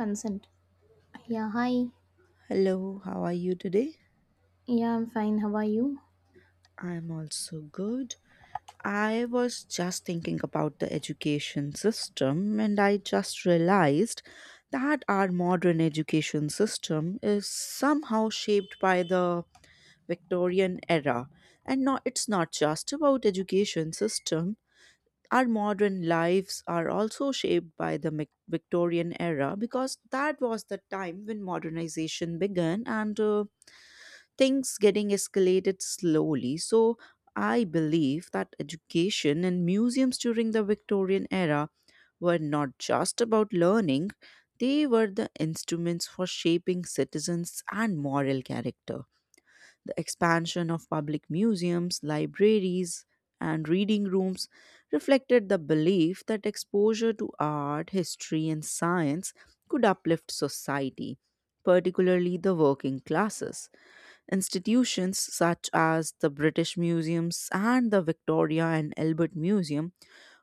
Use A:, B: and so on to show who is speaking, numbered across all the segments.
A: Consent. Yeah, hi.
B: Hello, how are you today?
A: Yeah, I'm fine. How are you?
B: I'm also good. I was just thinking about the education system and I just realized that our modern education system is somehow shaped by the Victorian era. And not it's not just about education system. Our modern lives are also shaped by the Victorian era because that was the time when modernization began and things getting escalated slowly. So I believe that education and museums during the Victorian era were not just about learning, they were the instruments for shaping citizens and moral character. The expansion of public museums, libraries, and reading rooms reflected the belief that exposure to art, history, and science could uplift society, particularly the working classes. Institutions such as the British Museums and the Victoria and Albert Museum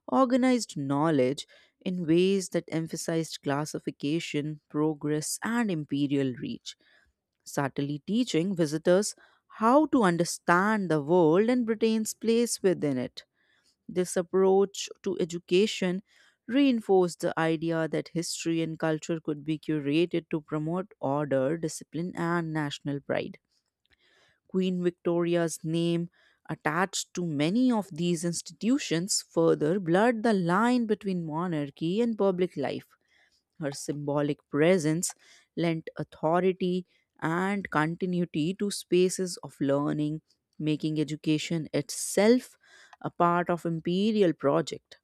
B: organized knowledge in ways that emphasized classification, progress, and imperial reach, subtly teaching visitors how to understand the world and Britain's place within it. This approach to education reinforced the idea that history and culture could be curated to promote order, discipline, and national pride. Queen Victoria's name attached to many of these institutions further blurred the line between monarchy and public life. Her symbolic presence lent authority and continuity to spaces of learning, making education itself a part of imperial project.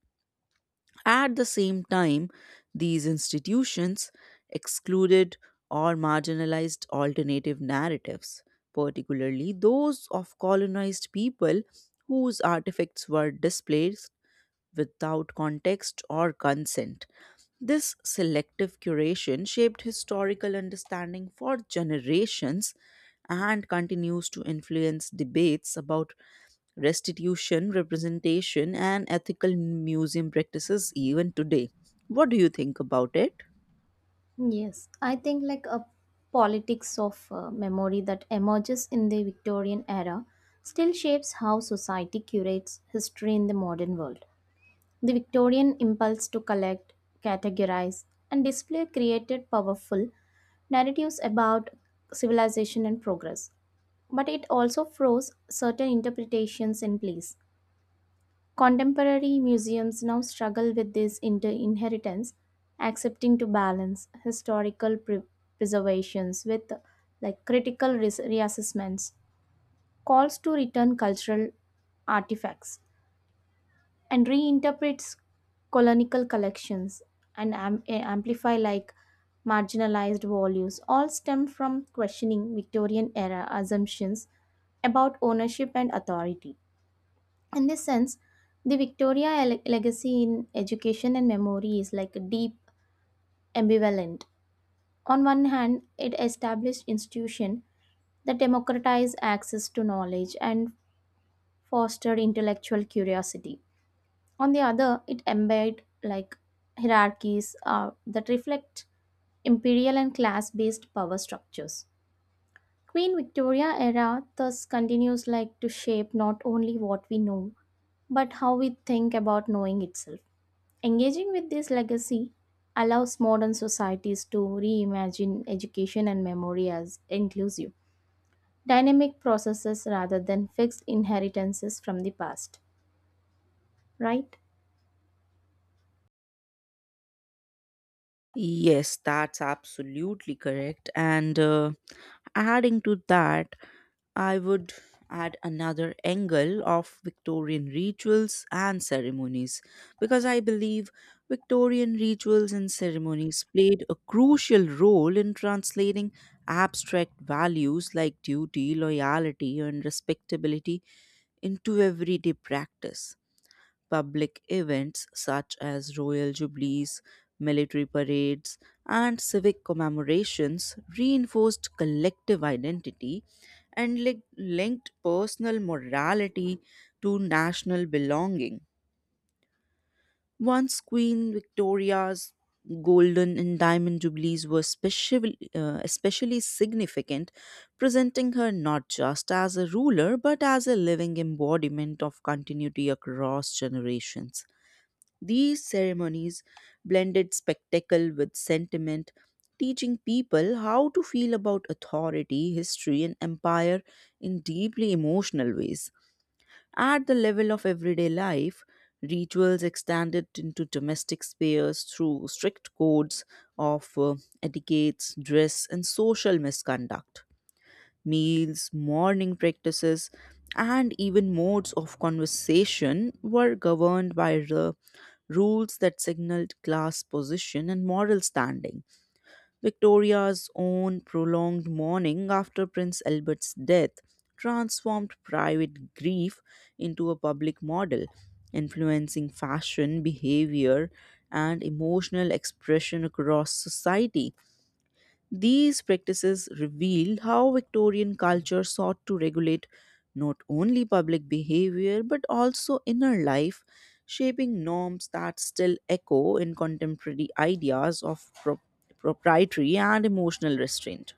B: At the same time, these institutions excluded or marginalized alternative narratives, particularly those of colonized people whose artifacts were displaced without context or consent. This selective curation shaped historical understanding for generations and continues to influence debates about restitution, representation, and ethical museum practices even today. What do you think about it?
A: Yes, I think like a politics of memory that emerges in the Victorian era still shapes how society curates history in the modern world. The Victorian impulse to collect, categorize, and display created powerful narratives about civilization and progress, but it also froze certain interpretations in place. Contemporary museums now struggle with this inheritance, accepting to balance historical preservations with like critical reassessments, calls to return cultural artifacts, and reinterprets colonial collections and amplify like marginalized values. All stem from questioning Victorian era assumptions about ownership and authority. In this sense, the legacy in education and memory is like deep ambivalent. On one hand, it established institution that democratized access to knowledge and fostered intellectual curiosity. On the other, it embed like hierarchies that reflect imperial and class-based power structures. Queen Victoria era thus continues like to shape not only what we know, but how we think about knowing itself. Engaging with this legacy allows modern societies to reimagine education and memory as inclusive, dynamic processes rather than fixed inheritances from the past, right?
B: Yes, that's absolutely correct. And adding to that, I would add another angle of Victorian rituals and ceremonies because I believe Victorian rituals and ceremonies played a crucial role in translating abstract values like duty, loyalty, and respectability into everyday practice public events such as royal jubilees, military parades, and civic commemorations reinforced collective identity and linked personal morality to national belonging. Once Queen Victoria's golden and diamond jubilees were especially significant, presenting her not just as a ruler but as a living embodiment of continuity across generations. These ceremonies blended spectacle with sentiment, teaching people how to feel about authority, history, and empire in deeply emotional ways. At the level of everyday life, rituals extended into domestic spheres through strict codes of etiquettes, dress, and social misconduct. Meals, morning practices, and even modes of conversation were governed by the rules that signaled class position and moral standing. Victoria's own prolonged mourning after Prince Albert's death transformed private grief into a public model, influencing fashion, behavior, and emotional expression across society. These practices reveal how Victorian culture sought to regulate not only public behavior but also inner life, shaping norms that still echo in contemporary ideas of proprietary and emotional restraint.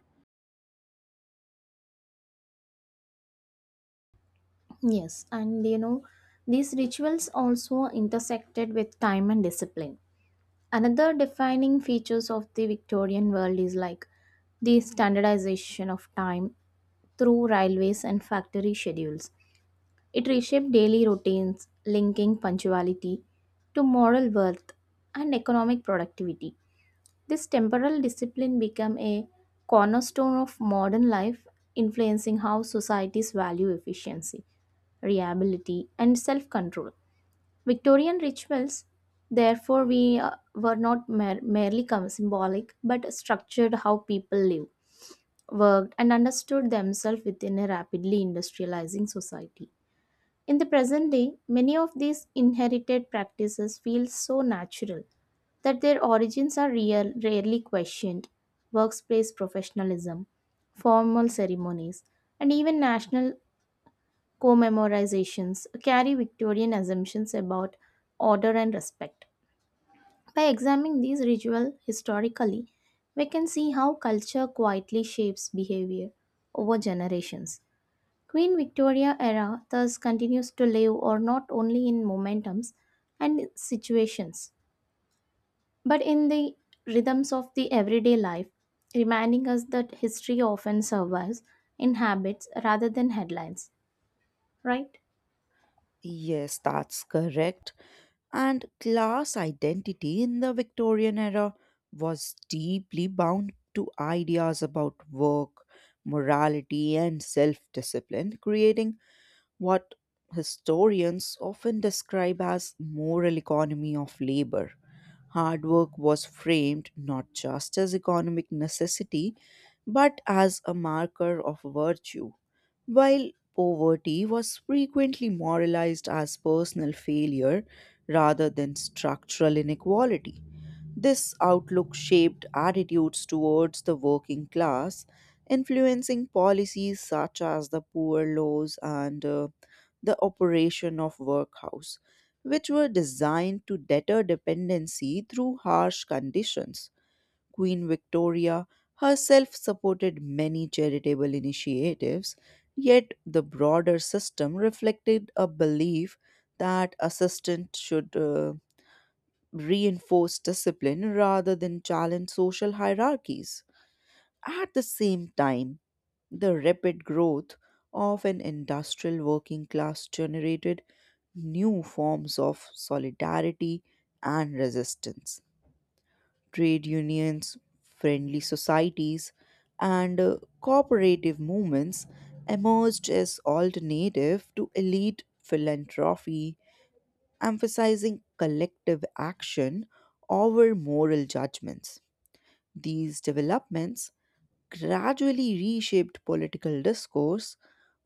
A: Yes, and you know, these rituals also intersected with time and discipline. Another defining features of the Victorian world is like the standardization of time through railways and factory schedules. It reshaped daily routines, linking punctuality to moral worth and economic productivity. This temporal discipline became a cornerstone of modern life, influencing how societies value efficiency, reliability, and self control. Victorian rituals, therefore, we were not merely symbolic but structured how people lived, worked, and understood themselves within a rapidly industrializing society. In the present day, many of these inherited practices feel so natural that their origins are real, rarely questioned. Workplace professionalism, formal ceremonies, and even national commemorizations carry Victorian assumptions about order and respect. By examining these rituals historically, we can see how culture quietly shapes behavior over generations. Queen Victoria era thus continues to live or not only in momentums and situations, but in the rhythms of the everyday life, reminding us that history often survives in habits rather than headlines, right?
B: Yes, that's correct. And class identity in the Victorian era was deeply bound to ideas about work, morality, and self discipline, creating what historians often describe as moral economy of labor. Hard work was framed not just as economic necessity but as a marker of virtue, while poverty was frequently moralized as personal failure rather than structural inequality. This outlook shaped attitudes towards the working class, influencing policies such as the poor laws and the operation of workhouse, which were designed to deter dependency through harsh conditions. Queen Victoria herself supported many charitable initiatives, yet the broader system reflected a belief that assistance should reinforce discipline rather than challenge social hierarchies. At the same time, the rapid growth of an industrial working class generated new forms of solidarity and resistance. Trade unions, friendly societies, and cooperative movements emerged as alternative to elite philanthropy emphasizing collective action over moral judgments. These developments gradually reshaped political discourse,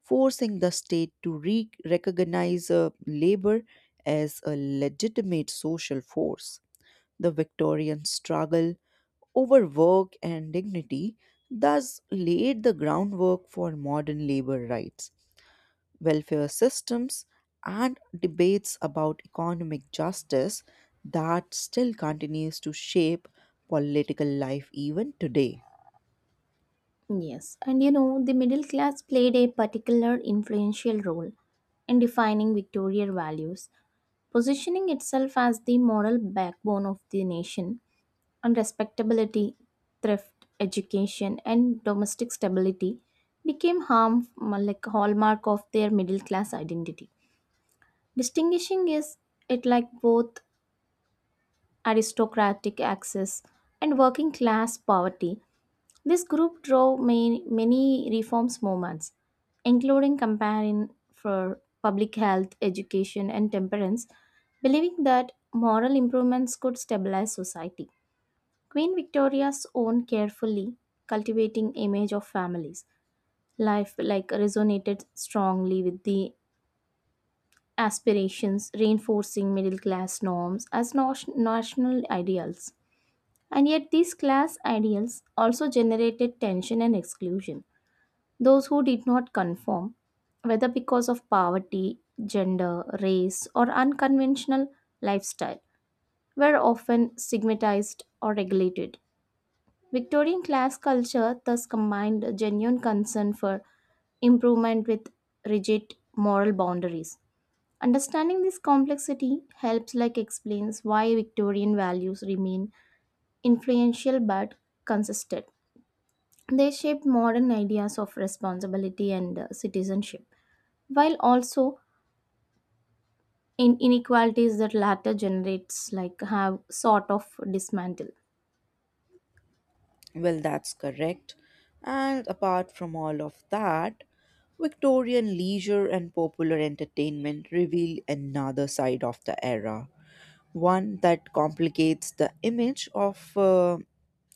B: forcing the state to recognize labor as a legitimate social force. The Victorian struggle over work and dignity thus laid the groundwork for modern labor rights welfare systems, and debates about economic justice that still continues to shape political life even today.
A: Yes, and you know, the middle class played a particular influential role in defining Victorian values, positioning itself as the moral backbone of the nation on respectability, thrift, education, and domestic stability became harm like hallmark of their middle class identity. Distinguishing is it like both aristocratic access and working class poverty. This group drove many reforms movements, including campaign for public health, education, and temperance, believing that moral improvements could stabilize society. Queen Victoria's own carefully cultivating image of families life like resonated strongly with the aspirations reinforcing middle class norms as national ideals, and yet these class ideals also generated tension and exclusion, those who did not conform whether because of poverty, gender, race, or unconventional lifestyle were often stigmatized or regulated. Victorian class culture thus combined a genuine concern for improvement with rigid moral boundaries. Understanding this complexity helps like explains why Victorian values remain influential but consistent. They shaped modern ideas of responsibility and citizenship, while also in inequalities that latter generates like have sort of dismantled.
B: Well, that's correct. And apart from all of that, Victorian leisure and popular entertainment reveal another side of the era, one that complicates the image of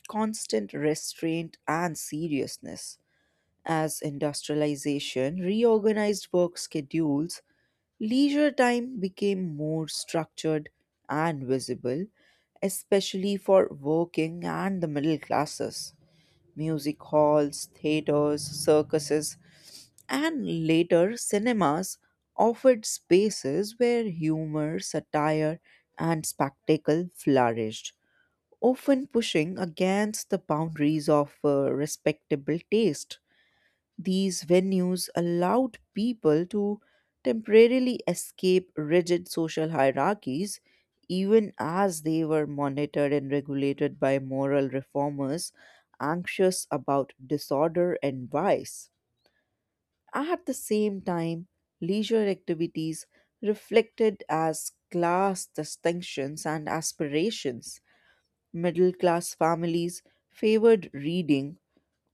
B: constant restraint and seriousness. As industrialization reorganized work schedules, leisure time became more structured and visible, especially for working and the middle classes. Music halls, theaters, circuses, and later cinemas offered spaces where humor, satire, and spectacle flourished, often pushing against the boundaries of respectable taste. These venues allowed people to temporarily escape rigid social hierarchies, even as they were monitored and regulated by moral reformers anxious about disorder and vice. At the same time, leisure activities reflected as class distinctions and aspirations. Middle class families favored reading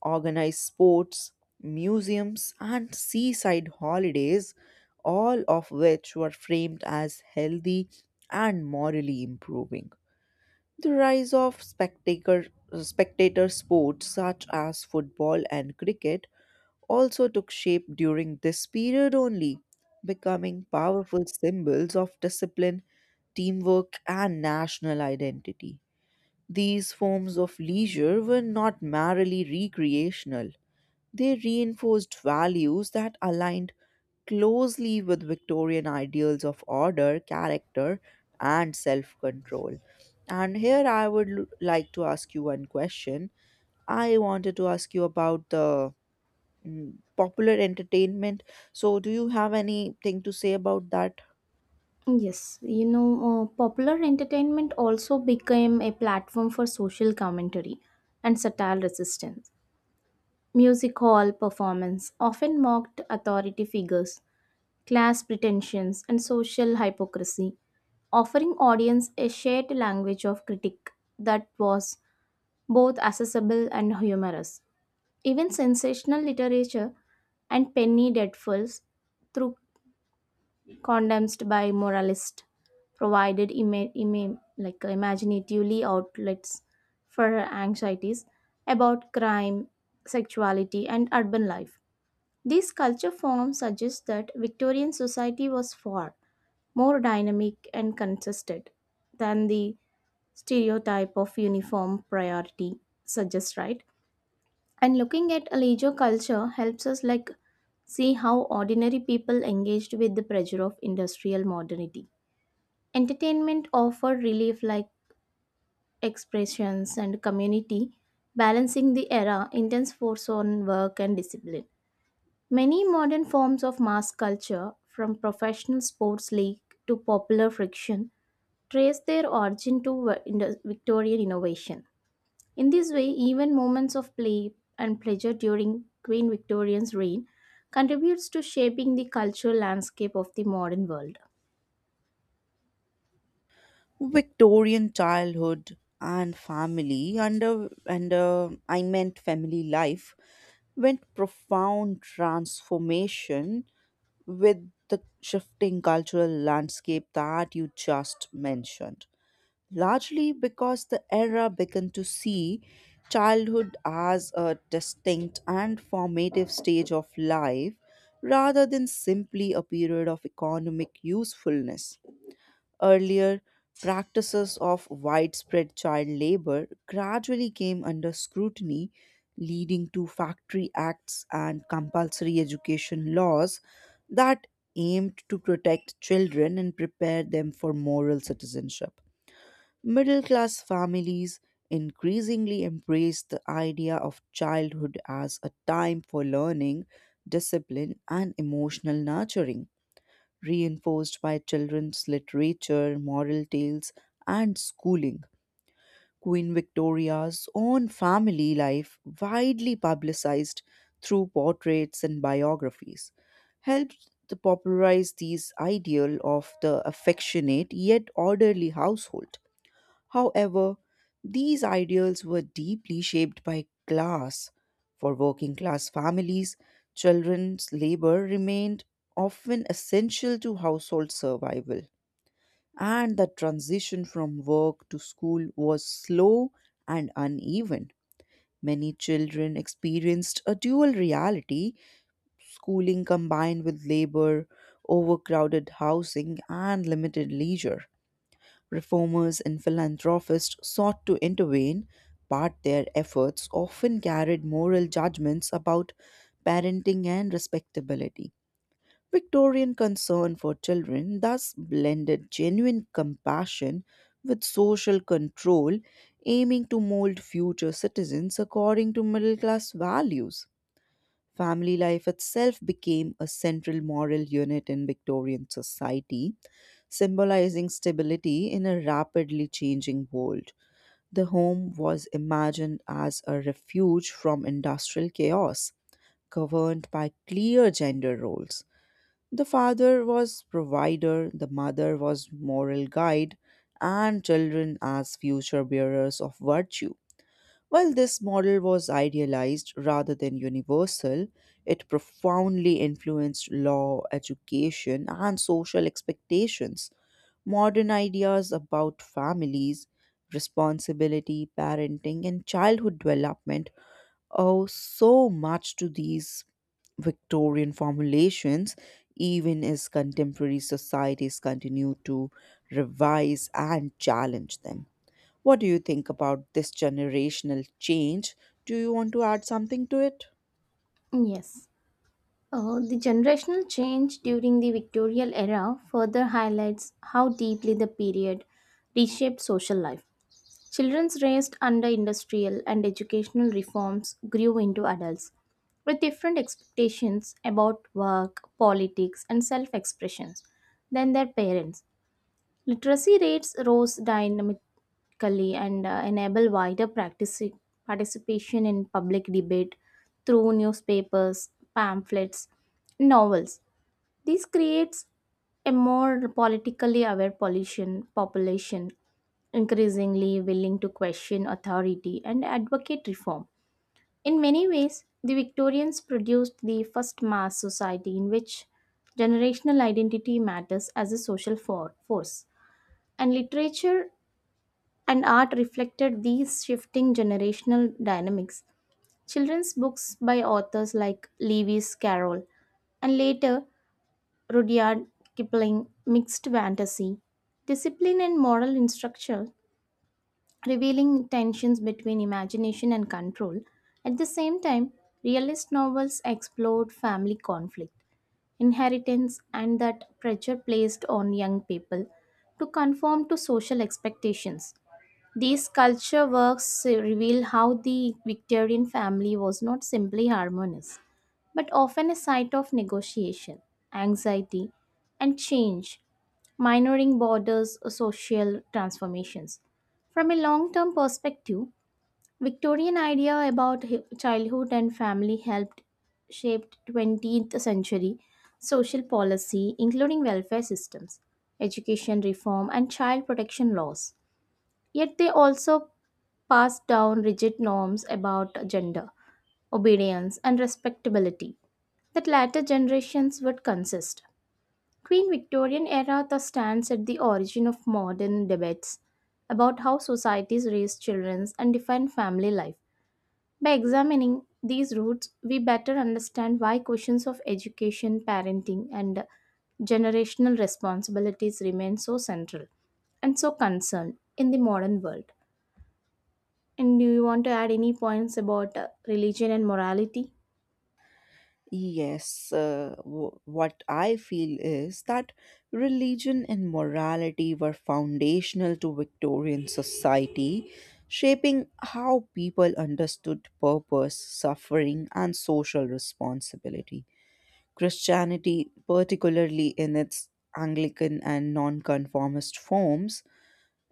B: organize sports, museums, and seaside holidays, all of which were framed as healthy and morally improving. The rise of spectator sports such as football and cricket also took shape during this period only, becoming powerful symbols of discipline, teamwork, and national identity. These forms of leisure were not merely recreational. They reinforced values that aligned closely with Victorian ideals of order, character, and self control. And here I would like to ask you one question. I wanted to ask you about the popular entertainment. So, do you have anything to say about that?
A: Yes, you know, popular entertainment also became a platform for social commentary and satire resistance. Music hall performance often mocked authority figures, class pretensions, and social hypocrisy, offering audience a shared language of critique that was both accessible and humorous. Even sensational literature and penny dreadfuls through condemned by moralists, provided imaginatively outlets for her anxieties about crime, sexuality, and urban life. These culture forms suggest that Victorian society was far more dynamic and consistent than the stereotype of uniform priority suggests, right? And looking at a leisure culture helps us like see how ordinary people engaged with the pressure of industrial modernity. Entertainment offered relief like expressions and community balancing the era intense force on work and discipline. Many modern forms of mass culture from professional sports league to popular friction trace their origin to victorian innovation. In this way, even moments of play and pleasure during Queen Victoria's reign contributes to shaping the cultural landscape of the modern world.
B: Victorian childhood and family under I meant family life went profound transformation with the shifting cultural landscape that you just mentioned. Largely because the era began to see childhood as a distinct and formative stage of life rather than simply a period of economic usefulness. Earlier, practices of widespread child labor gradually came under scrutiny, leading to factory acts and compulsory education laws that aimed to protect children and prepare them for moral citizenship. Middle class families increasingly embraced the idea of childhood as a time for learning, discipline, and emotional nurturing reinforced by children's literature, moral tales, and schooling. Queen Victoria's own family life, widely publicized through portraits and biographies, helped to popularize these ideal of the affectionate yet orderly household. However, these ideals were deeply shaped by class. For working class families, children's labor remained often essential to household survival, and the transition from work to school was slow and uneven. Many children experienced a dual reality schooling combined with labor, overcrowded housing, and limited leisure. Reformers and philanthropists sought to intervene, but their efforts often carried moral judgments about parenting and respectability. Victorian concern for children thus blended genuine compassion with social control, aiming to mold future citizens according to middle class values. Family life itself became a central moral unit in Victorian society, symbolizing stability in a rapidly changing world. The home was imagined as a refuge from industrial chaos, governed by clear gender roles. The father was provider, the mother was moral guide, and children as future bearers of virtue. While this model was idealized rather than universal, it profoundly influenced law, education, and social expectations Modern ideas about families, responsibility, parenting, and childhood development owe so much to these Victorian formulations, even as contemporary societies continue to revise and challenge them. What do you think about this generational change? Do you want to add something to it?
A: Yes. The generational change during the Victorian era further highlights how deeply the period reshaped social life. Children raised under industrial and educational reforms grew into adults with different expectations about work, politics, and self expressions than their parents. Literacy rates rose dynamically and enable wider participation in public debate through newspapers, pamphlets, novels. This creates a more politically aware population, increasingly willing to question authority and advocate reform. In many ways, the Victorians produced the first mass society in which generational identity matters as a social force, and literature and art reflected these shifting generational dynamics. Children's books by authors like Lewis Carroll and later Rudyard Kipling mixed fantasy, discipline, and moral instruction, revealing tensions between imagination and control. At the same time, realist novels explored family conflict, inheritance, and that pressure placed on young people to conform to social expectations. These culture works reveal how the Victorian family was not simply harmonious, but often a site of negotiation, anxiety, and change, minoring borders or social transformations. From a long term perspective, Victorian idea about childhood and family helped shape 20th century social policy, including welfare systems, education reform, and child protection laws. Yet they also pass down rigid norms about gender, obedience, and respectability that later generations would consist. Queen Victorian era thus stands at the origin of modern debates about how societies raise children and define family life. By examining these roots, we better understand why questions of education, parenting, and generational responsibilities remain so central and so concerned in the modern world. And do you want to add any points about religion and morality?
B: Yes, what I feel is that religion and morality were foundational to Victorian society, shaping how people understood purpose, suffering, and social responsibility. Christianity, particularly in its Anglican and nonconformist forms,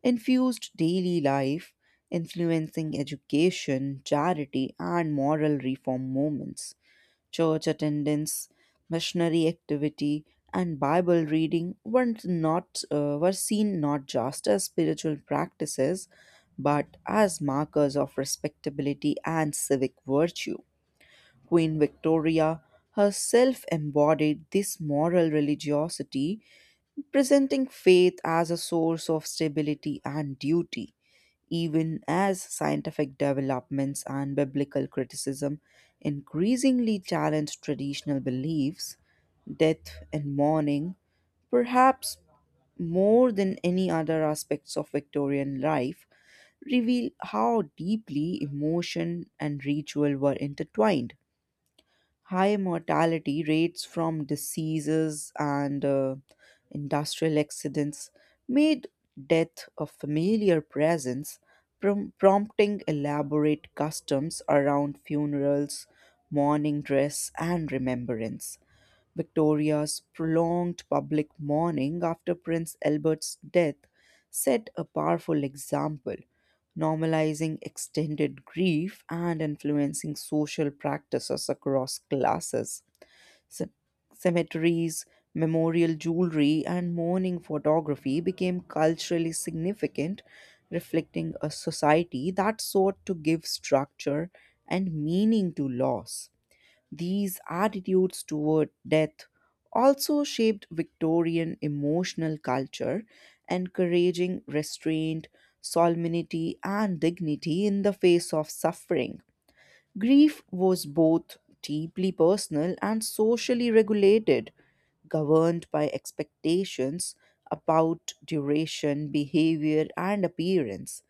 B: infused daily life, influencing education, charity, and moral reform movements. Church attendance, missionary activity, and Bible reading were seen not just as spiritual practices, but as markers of respectability and civic virtue. Queen Victoria herself embodied this moral religiosity presenting faith as a source of stability and duty, even as scientific developments and biblical criticism increasingly challenge traditional beliefs, death and mourning, perhaps more than any other aspects of Victorian life, reveal how deeply emotion and ritual were intertwined high mortality rates from diseases and industrial accidents made death a familiar presence, prompting elaborate customs around funerals, mourning dress, and remembrance. Victoria's prolonged public mourning after Prince Albert's death set a powerful example, normalizing extended grief and influencing social practices across classes. Ce- Cemeteries, memorial jewelry, and mourning photography became culturally significant, reflecting a society that sought to give structure and meaning to loss. These attitudes toward death also shaped Victorian emotional culture, encouraging restraint, solemnity, and dignity in the face of suffering. Grief was both deeply personal and socially regulated, governed by expectations about duration, behavior, and appearance.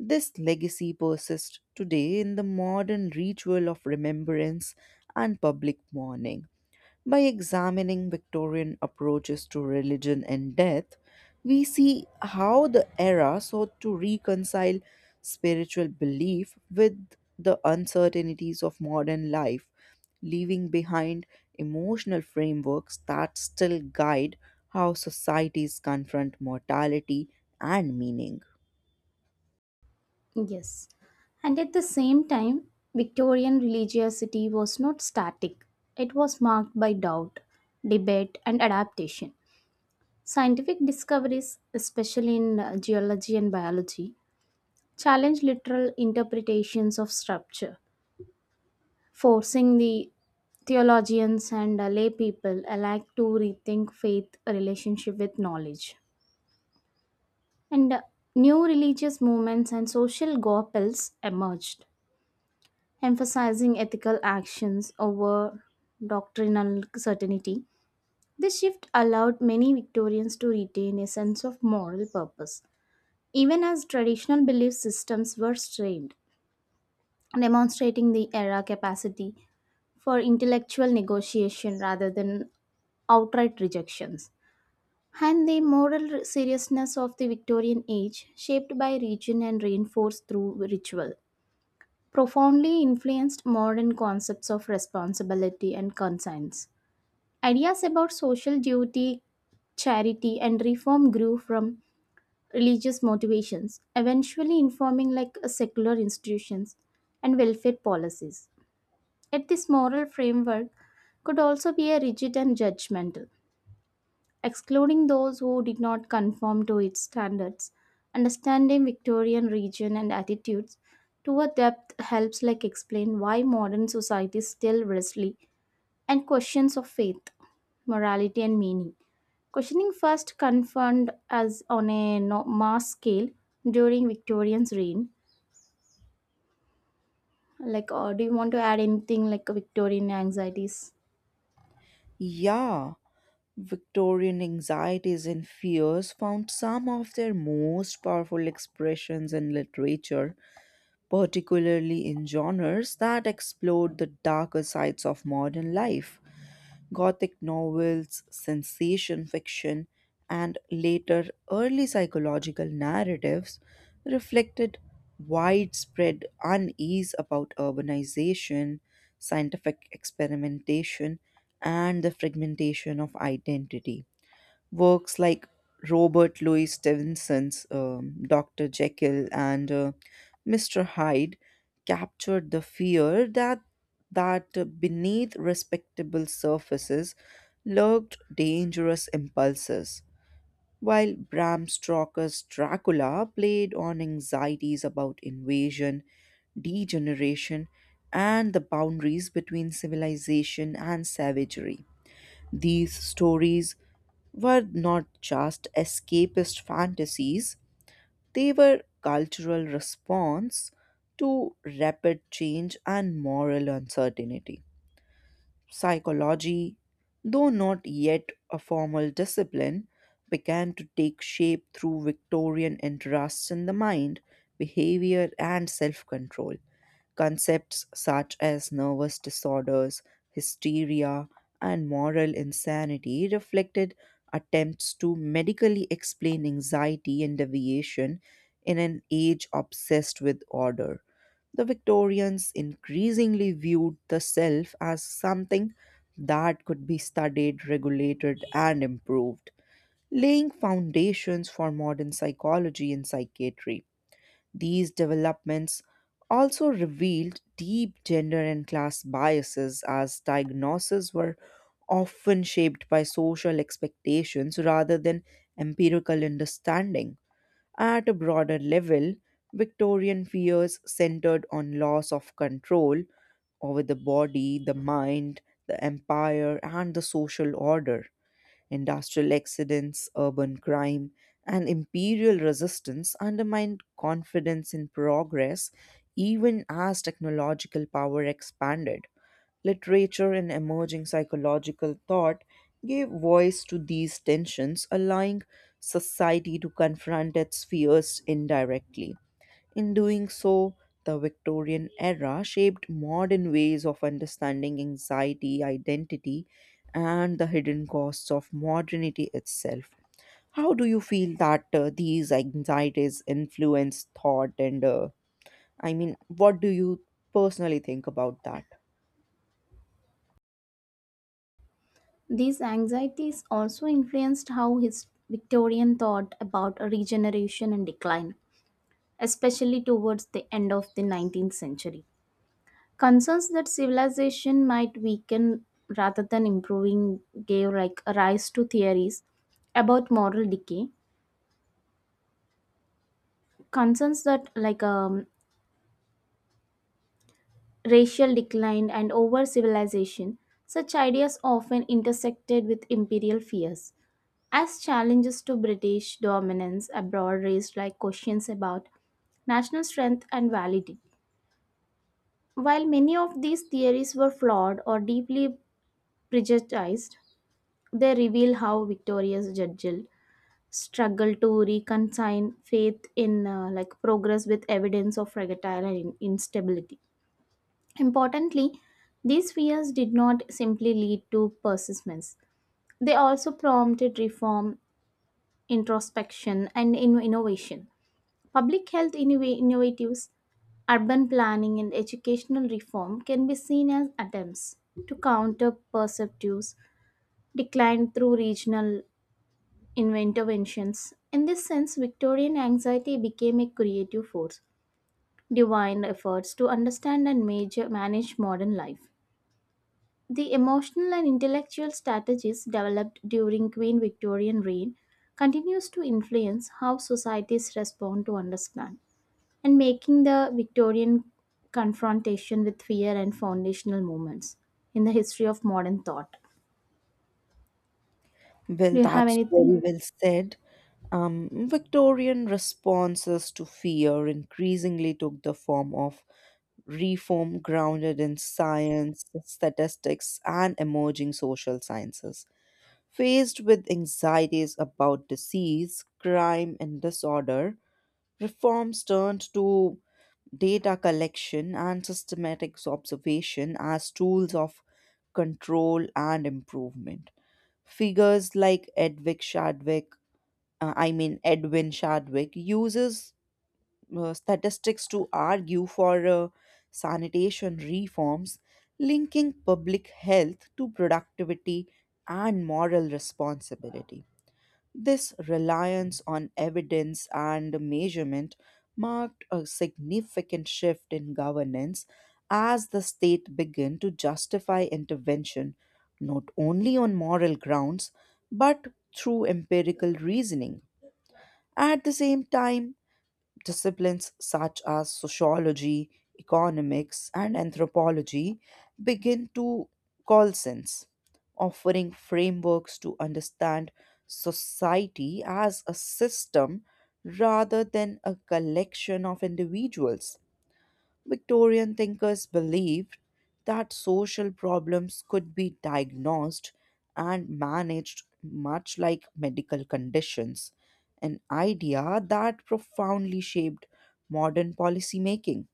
B: This legacy persists today in the modern ritual of remembrance and public mourning. By examining Victorian approaches to religion and death, we see how the era sought to reconcile spiritual belief with the uncertainties of modern life, leaving behind emotional frameworks that still guide how societies confront mortality and meaning.
A: Yes. And at the same time, Victorian religiosity was not static. It was marked by doubt, debate, and adaptation. Scientific discoveries, especially in geology and biology, challenged literal interpretations of structure, forcing the theologians and lay people alike to rethink faith relationship with knowledge. And New religious movements and social gospels emerged, emphasizing ethical actions over doctrinal certainty. This shift allowed many Victorians to retain a sense of moral purpose, even as traditional belief systems were strained, demonstrating the era capacity for intellectual negotiation rather than outright rejections. And the moral seriousness of the Victorian age, shaped by region and reinforced through ritual, profoundly influenced modern concepts of responsibility and conscience. Ideas about social duty, charity, and reform grew from religious motivations, eventually informing like secular institutions and welfare policies. Yet this moral framework could also be a rigid and judgmental excluding those who did not conform to its standards. Understanding Victorian region and attitudes to a depth helps like explain why modern society still wrestles and questions of faith, morality and meaning. Questioning first confirmed as on a mass scale during Victorian's reign. Like, do you want to add anything like Victorian anxieties?
B: Yeah. Victorian anxieties and fears found some of their most powerful expressions in literature, particularly in genres that explored the darker sides of modern life. Gothic novels, sensation fiction, and later early psychological narratives reflected widespread unease about urbanization, scientific experimentation, and the fragmentation of identity. Works like Robert Louis Stevenson's Dr. Jekyll and Mr. Hyde captured the fear that beneath respectable surfaces lurked dangerous impulses, while Bram Stoker's Dracula played on anxieties about invasion, degeneration, and the boundaries between civilization and savagery. These stories were not just escapist fantasies, they were cultural response to rapid change and moral uncertainty. Psychology, though not yet a formal discipline, began to take shape through Victorian interests in the mind, behavior, and self control. Concepts such as nervous disorders, hysteria, and moral insanity reflected attempts to medically explain anxiety and deviation in an age obsessed with order. The Victorians increasingly viewed the self as something that could be studied, regulated, and improved, laying foundations for modern psychology and psychiatry. These developments also revealed deep gender and class biases, as diagnoses were often shaped by social expectations rather than empirical understanding. At a broader level, Victorian fears centered on loss of control over the body, the mind, the empire, and the social order. Industrial accidents, urban crime, and imperial resistance undermined confidence in progress even as technological power expanded. Literature and emerging psychological thought gave voice to these tensions, allowing society to confront its fears indirectly. In doing so, the Victorian era shaped modern ways of understanding anxiety, identity, and the hidden costs of modernity itself. How do you feel that these anxieties influence thought and I mean, what do you personally think about that?
A: These anxieties also influenced how his Victorian thought about regeneration and decline, especially towards the end of the 19th century. Concerns that civilization might weaken rather than improving gave like rise to theories about moral decay. Concerns that like racial decline and over civilization, such ideas often intersected with imperial fears. As challenges to British dominance abroad raised like questions about national strength and validity. While many of these theories were flawed or deeply prejudiced, they reveal how victorious Judgel struggled to reconcile faith in like progress with evidence of fragile and instability. Importantly, these fears did not simply lead to persistence. They also prompted reform, introspection, and innovation. Public health innovatives, urban planning, and educational reform can be seen as attempts to counter perceptives decline through regional interventions. In this sense, Victorian anxiety became a creative force, divine efforts to understand and manage modern life. The emotional and intellectual strategies developed during Queen Victorian reign continues to influence how societies respond to understand, and making the Victorian confrontation with fear and foundational moments in the history of modern thought.
B: Well,
A: Do you have
B: that's
A: anything?
B: very well said. Victorian responses to fear increasingly took the form of reform grounded in science, statistics, and emerging social sciences. Faced with anxieties about disease, crime, and disorder, reforms turned to data collection and systematic observation as tools of control and improvement. Figures like Edwin Shadwick, uses statistics to argue for sanitation reforms, linking public health to productivity and moral responsibility. This reliance on evidence and measurement marked a significant shift in governance as the state began to justify intervention not only on moral grounds but through empirical reasoning. At the same time, disciplines such as sociology, economics, and anthropology begin to call sense, offering frameworks to understand society as a system rather than a collection of individuals. Victorian thinkers believed that social problems could be diagnosed and managed much like medical conditions, an idea that profoundly shaped modern policymaking.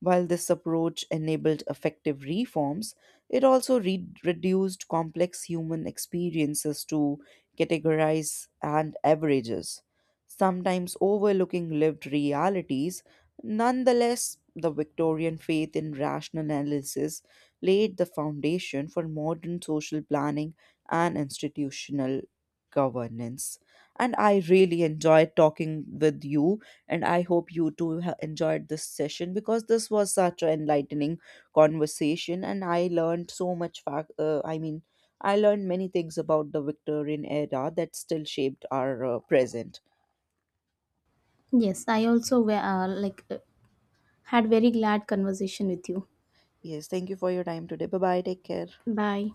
B: While this approach enabled effective reforms, it also reduced complex human experiences to categories and averages, sometimes overlooking lived realities. Nonetheless, the Victorian faith in rational analysis laid the foundation for modern social planning and institutional governance. And I really enjoyed talking with you and I hope you too enjoyed this session because this was such an enlightening conversation, and I learned so much. Fact, I mean, I learned many things about the Victorian era that still shaped our present.
A: Yes, I also were, had very glad conversation with you.
B: Yes, thank you for your time today. Bye bye. Take care.
A: Bye.